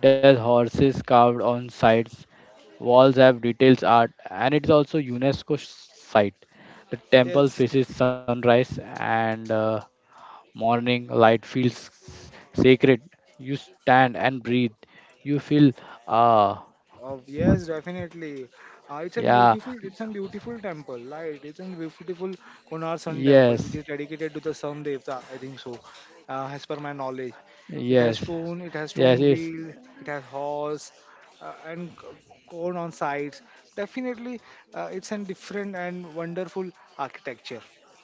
It has horses carved on sides. Walls have details art, and it's also UNESCO site. The temple
Yes,
faces sunrise and morning light feels sacred. You stand and breathe. You feel ah
yes, definitely. It's a
yeah,
beautiful, it's a beautiful temple, right? It's a beautiful Konar Sun
yes,
Temple, which is dedicated to the Sun Devta. I think so, as per my knowledge.
yes,
It has
yes.
stone
It's.
wheel, it has horse, and cone on sides. Definitely, it's a different and wonderful architecture.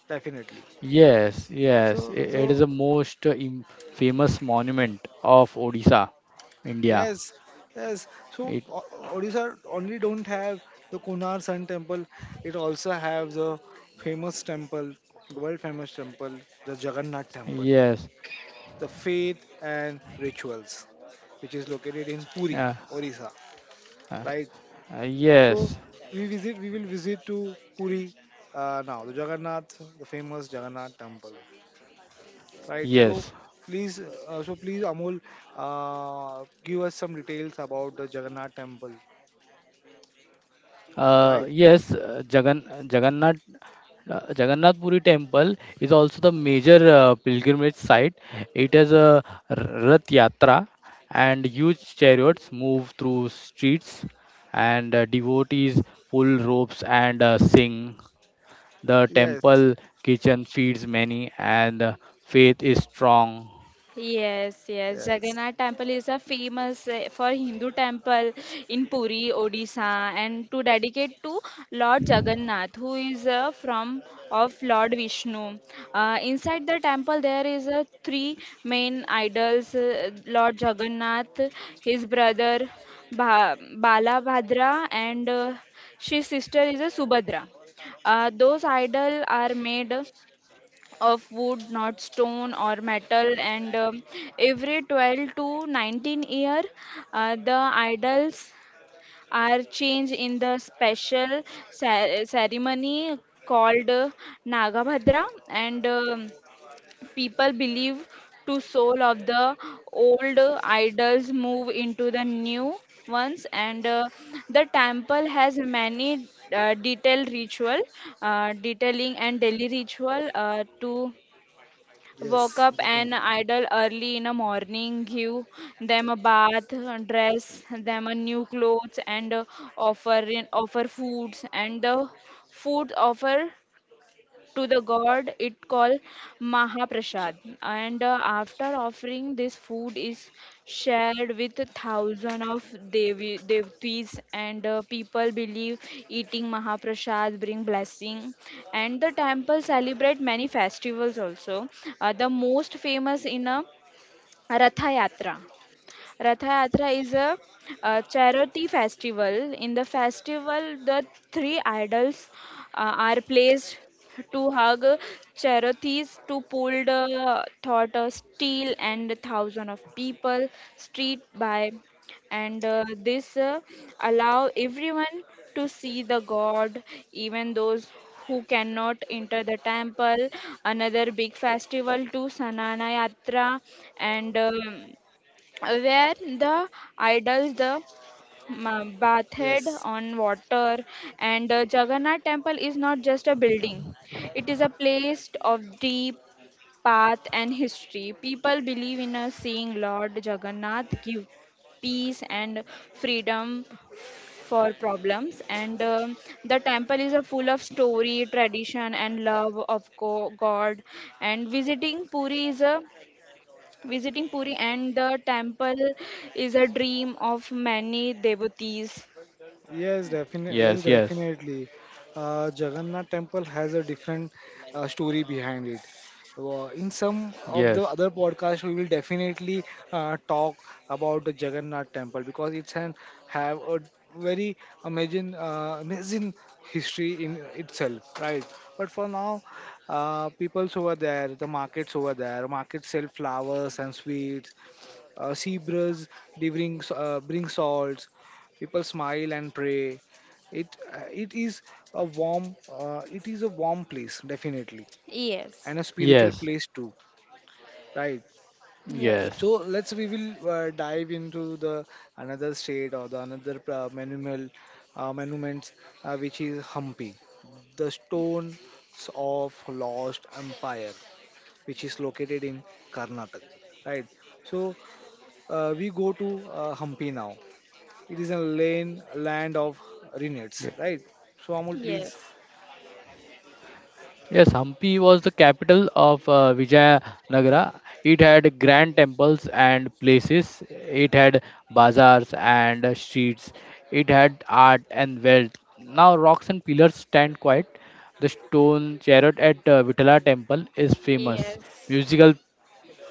Definitely.
Yes,
So,
yes, it is
so
the most famous monument of Odisha, India.
Yes, yes. So
It
O- Odisha only don't have the Konar Sun Temple. It also have the famous temple, world famous temple, the Jagannath Temple,
Yes,
the faith and rituals, which is located in Puri,
uh,
Odisha,
uh,
right? So
yes,
we visit, we will visit to Puri now, the Jagannath, the famous Jagannath Temple, right?
yes,
Please, so please, Amol, give us some details about the Jagannath Temple. Right.
yes. Jagannath Puri Temple is also the major pilgrimage site. It has a r- Rath Yatra, and huge chariots move through streets, and devotees pull ropes and sing. The
Yes.
temple kitchen feeds many, and the faith is strong.
Yes, yes.
Yes.
Jagannath Temple is a famous for Hindu temple in Puri, Odisha, and to dedicate to Lord Jagannath, who is from of Lord Vishnu. Inside the temple, there is three main idols: Lord Jagannath, his brother Balabhadra, and his sister is Subhadra. Those idols are made of wood, not stone or metal. And every 12 to 19 year, the idols are changed in the special ceremony called Nagabhadra. And people believe to soul of the old idols move into the new ones and the temple has many detailed ritual detailing and daily ritual to woke
Yes.
up an
Definitely.
idol early in the morning, give them a bath, dress them a new clothes, and offer offer foods and food offer to the god it called Mahaprasad. And after offering, this food is shared with thousands of devotees, and people believe eating Mahaprasad bring blessing. And the temple celebrate many festivals also. The most famous in a Ratha Yatra Ratha Yatra is a, charity festival. In the festival, the three idols are placed to hug charities to pull the thought of steel and the thousand of people street by and this allow everyone to see the god even those who cannot enter the temple another big festival to sanana yatra and where the idols, the bathed
Yes.
on water, and the Jagannath temple is not just a building, it is a place of deep path and history. People believe in a seeing Lord Jagannath give peace and freedom for problems and the temple is a full of story tradition and love of god and Visiting Puri and the temple is a dream of many devotees.
Yes, definitely. Yes,
Yes, yes,
definitely. Jagannath Temple has a different story behind it. In some of the
yes,
other podcasts, we will definitely talk about the Jagannath Temple because it's an have a very amazing, amazing history in itself, right? But for now, people's over there, the markets over there, markets sell flowers and sweets, zebras they bring salts. People smile and pray. It is a warm it is a warm place definitely
Yes,
and a spiritual
yes,
place too, right?
yes,
So
yes.
let's we will dive into the another state or the another monumental monuments which is Hampi, the stones of Lost Empire, which is located in Karnataka. Right. So we go to Hampi now. It is a lane land of Renates,
Yes,
right? So Amol, please.
yes,
yes, Hampi was the capital of Vijayanagara. It had grand temples and places. It had bazaars and streets. It had art and wealth. Now rocks and pillars stand quiet. The stone chariot at Vitala temple is famous.
yes,
Musical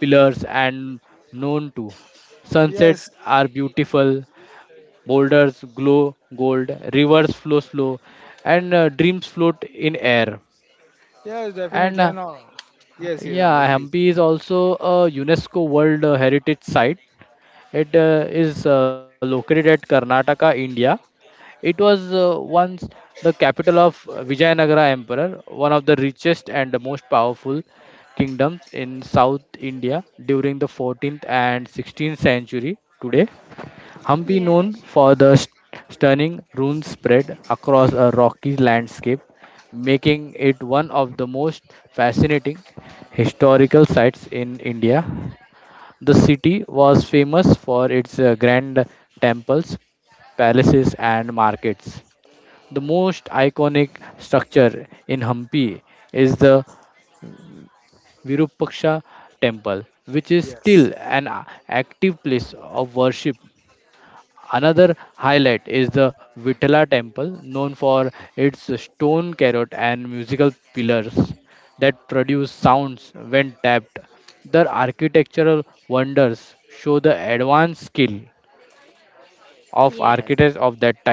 pillars and known to. Sunsets
Yes,
are beautiful, boulders glow gold, rivers flow slow, and dreams float in air.
yes,
And
definitely. I know. Yes, yes,
yeah,
Amol, please.
Hampi is also a UNESCO World Heritage Site. It is located at Karnataka, India. It was once the capital of Vijayanagara Emperor, one of the richest and the most powerful kingdoms in South India during the 14th and 16th century. Today, Hampi,
yes,
known for the stunning ruins spread across a rocky landscape, making it one of the most fascinating historical sites in India. The city was famous for its grand temples, palaces, and markets. The most iconic structure in Hampi is the Virupaksha temple, which is
Yes,
still an active place of worship. Another highlight is the Vitala temple, known for its stone carrot and musical pillars that produce sounds when tapped. Their architectural wonders show the advanced skill of architects
yes,
of that time.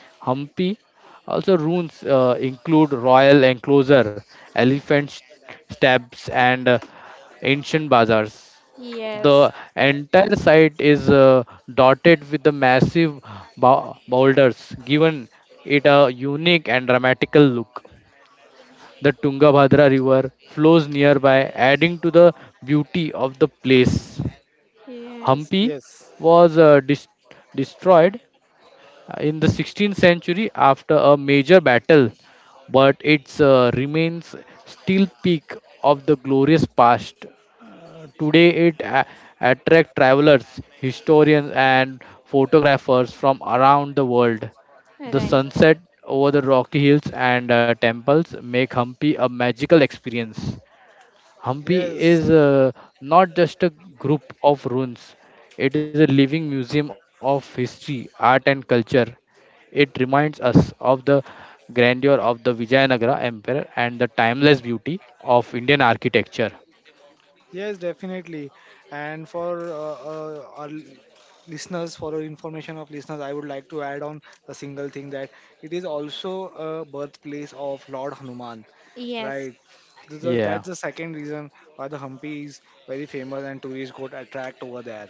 Hampi also ruins include royal enclosure, elephant steps, and ancient bazaars.
yes,
The entire site is dotted with the massive boulders, giving it a unique and dramatical look. The Tungabhadra River flows nearby, adding to the beauty of the place.
yes,
Hampi
yes,
was destroyed in the 16th century after a major battle, but its remains still peak of the glorious past. Today, it attracts travelers, historians, and photographers from around the world. The
right,
sunset over the rocky hills and temples make Hampi a magical experience. Hampi
yes,
is not just a group of ruins, it is a living museum of history, art, and culture. It reminds us of the grandeur of the Vijayanagara Empire and the timeless beauty of Indian architecture.
yes, definitely. And for our listeners, for our information of listeners, I would like to add on a single thing that it is also a birthplace of Lord Hanuman,
yes,
right? This is- That's
Yeah,
the second reason why the Hampi is very famous and tourists go to attract over there,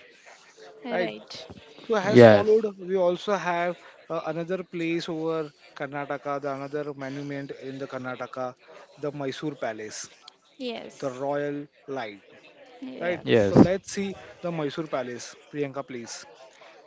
right?
right,
So has followed.
yes,
We also have another place over Karnataka, the another monument in the Karnataka, the Mysore Palace, the
yes,
Royal Light. Right.
yes.
So
yes,
let's see the Mysore Palace, Priyanka, please.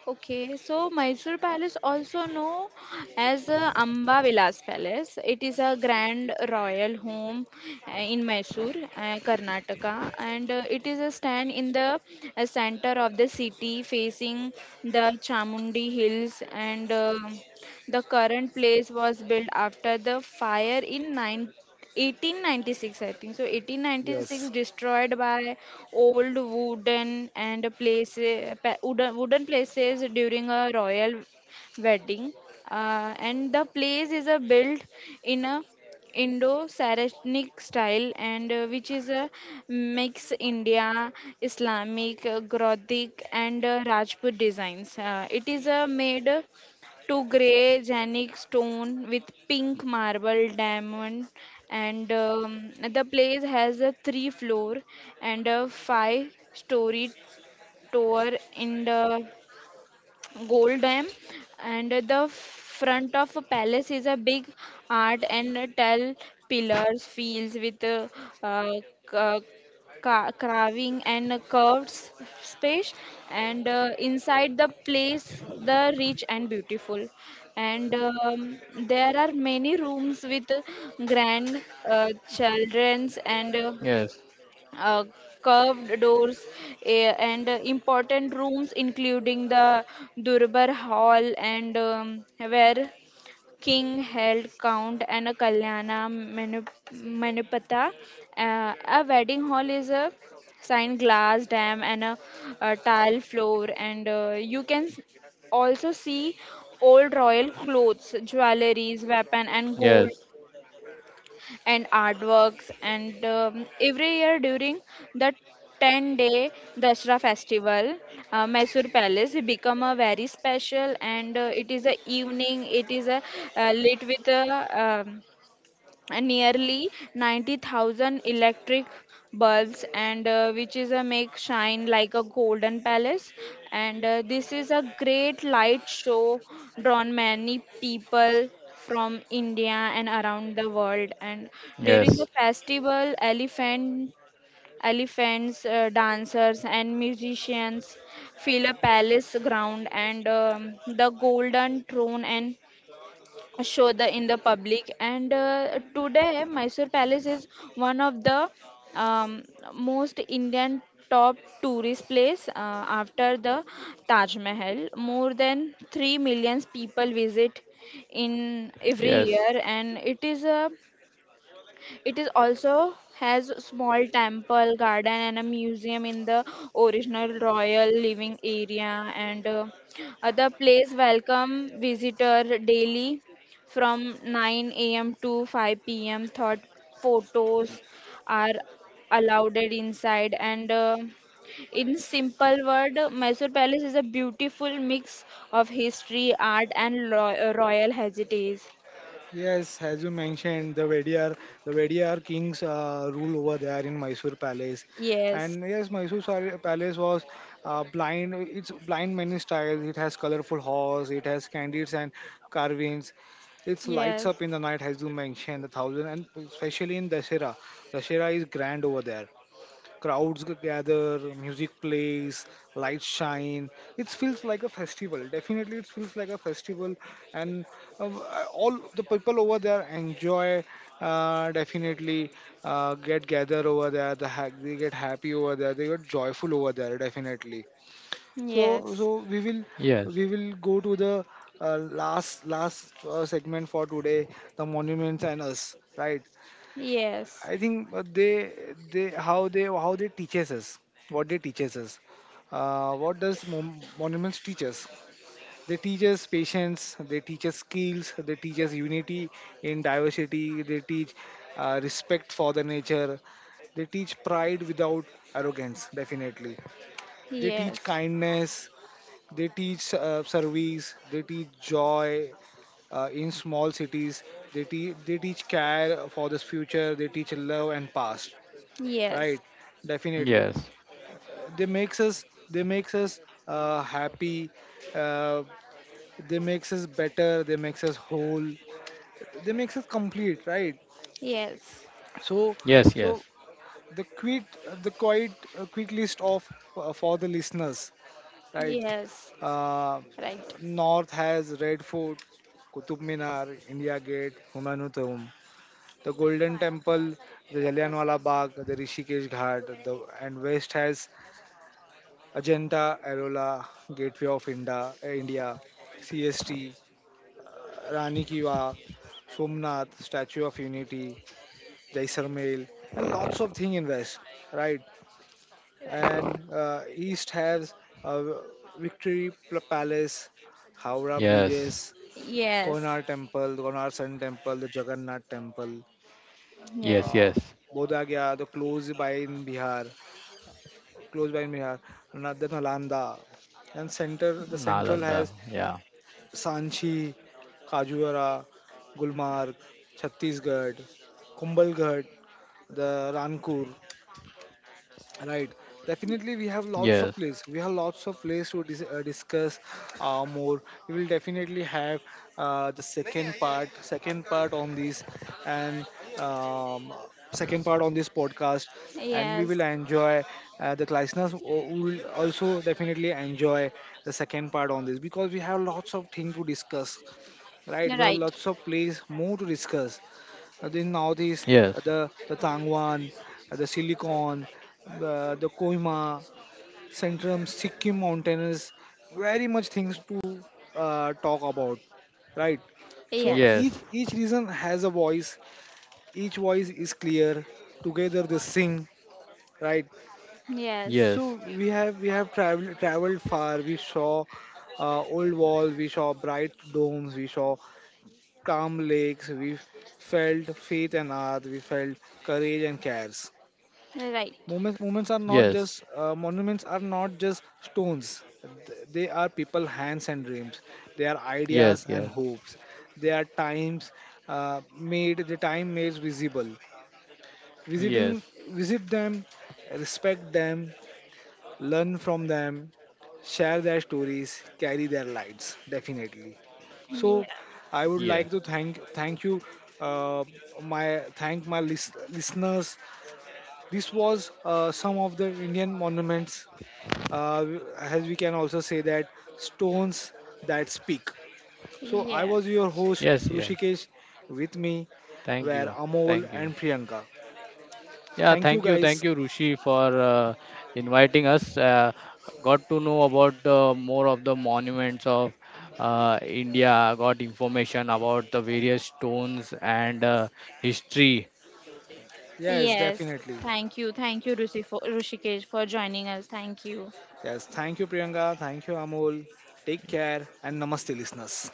Okay, so Mysore Palace, also known as Amba Vilas Palace, it is a grand royal home in Mysore, Karnataka, and it is a stand in the center of the city, facing the Chamundi Hills. And the current place was built after the fire in 1896. I think so, 1896
Yes.
destroyed by old wooden and places, wooden places during a royal wedding. And the place is a built in a indo-saracenic style and which is a mix india islamic gothic and rajput designs. It is made to grey granite stone with pink marble diamond and the place has a three floor and a five-story tower in the gold dam and the front of a palace is a big art and tall pillars fields with a, uh, ca- carving and a curved space and inside the place the rich and beautiful and there are many rooms with grand children's and
yes,
uh, curved doors and important rooms including the Durbar Hall and where king held count and a Manupatha. A wedding hall is a sign glass dam and a tile floor and you can also see old royal clothes, jewelries, weapon and gold
yes,
and artworks. And every year during the 10-day Dashra festival, Mysore Palace become a very special and it is a evening, it is a lit with a um, and nearly 90,000 electric bulbs and which is a make shine like a golden palace and this is a great light show drawn many people from india and around the world and
yes,
during the festival elephants dancers and musicians fill a palace ground and the golden throne and show the in the public. And today Mysore Palace is one of the um, most Indian top tourist place after the Taj Mahal more than 3 million people visit in every
yes,
year and it is a it is also has a small temple, garden, and a museum in the original royal living area. And other place welcome visitor daily from 9 a.m. to 5 p.m. Thought photos are allowed inside. And in simple word, Mysore Palace is a beautiful mix of history, art, and royal heritage.
Yes, as you mentioned, the Vediyar kings rule over there in Mysore Palace,
Yes,
and yes, Palace was blind. It's blind many styles. It has colorful halls. It has candies and carvings. It lights
yes,
up in the night, as you mentioned, the thousand, and especially in Dashera. Dashera is grand over there. Gather, music plays, lights shine. It feels like a festival. Definitely, it feels like a festival, and all the people over there enjoy. Definitely, get gather over there. They get happy over there. They get joyful over there. Definitely. So,
yes.
so we
yes,
will
yes,
we will go to the last segment for today, the monuments and us, right?
Yes.
I think they how they how they teaches us what they teaches us. What does monuments teach us? They teach us patience. They teach us skills. They teach us unity in diversity. They teach respect for the nature. They teach pride without arrogance. Definitely, they teach
Yes.
kindness. They teach service. They teach joy in small cities. They teach care for the future. They teach love and past, right?
Yes.
Definitely.
yes,
Uh, they makes us they makes us happy, uh, they makes us better, they makes us whole, they makes us complete, right?
Yes.
so
yes,
so the quick the quite quick list of for the listeners, right?
Yes.
uh,
Right.
North has Red Fort, Qutub Minar, India Gate, Humayun Tomb, the Golden Temple, the Jallianwala Bagh, the Rishikesh Ghat, the, and West has Ajanta, Arola, Gateway of India, eh, India, CST, Rani Ki Vav, Somnath, Statue of Unity, Jaisalmer, and lots of thing in West, right? And East has uh, Victory Palace, Howrah
yes,
Bridges,
Yes.
Konar Temple, Konar Sun Temple, the Jagannath Temple,
yes,
Yes.
uh,
yes,
Bodh Gaya, the closed by in Bihar, closed by in Bihar, the Nalanda, and center the central
Nalanda,
has
yeah,
Sanchi, Kajuara, Gulmarg, Chhattisgarh, Kumbalghat, the Rankur, right? Definitely, we have lots of
yes,
place. We have lots of place to discuss more. We will definitely have the second part on this, and um, second part on this podcast, and we
Yes.
will enjoy. The listeners will also definitely enjoy the second part on this because we have lots of things to discuss, right? We have
Right.
lots of place more to discuss. The Northeast,
yes,
the Tangwan, the Silicon, the Kohima, Centrum, Sikkim mountains, very much things to talk about, right? So
Yes.
each
yes,
each region has a voice. Each voice is clear. Together they sing, right?
Yes.
So
yes.
we have traveled far. We saw old wall. We saw bright domes. We saw calm lakes, we felt faith and art, we felt courage and cares.
Right.
Moments are not
Yes,
just monuments are not just stones. They are people, hands and dreams. They are ideas
yes,
and
yes,
hopes. They are times made the time made visible. Visiting,
yes,
visit them, respect them, learn from them, share their stories, carry their lights, definitely.
Yeah.
So I would
yes,
like to thank you, uh, my listeners. This was some of the Indian monuments, uh, as we can also say that stones that speak. So I
Yes.
was your
yes,
host
yes.
Rushikesh. With me
Thank you,
were Amol
thank you.
and Priyanka.
Yeah,
Thank you
thank
guys.
you, Rushi, for inviting us. Got to know about more of the monuments of India. Got information about the various stones and history
Yes,
Yes.
definitely.
Thank you. Thank you, Rushikesh, for joining us. Thank you.
Yes, thank you, Priyanka. Thank you, Amol. Take care and namaste, listeners.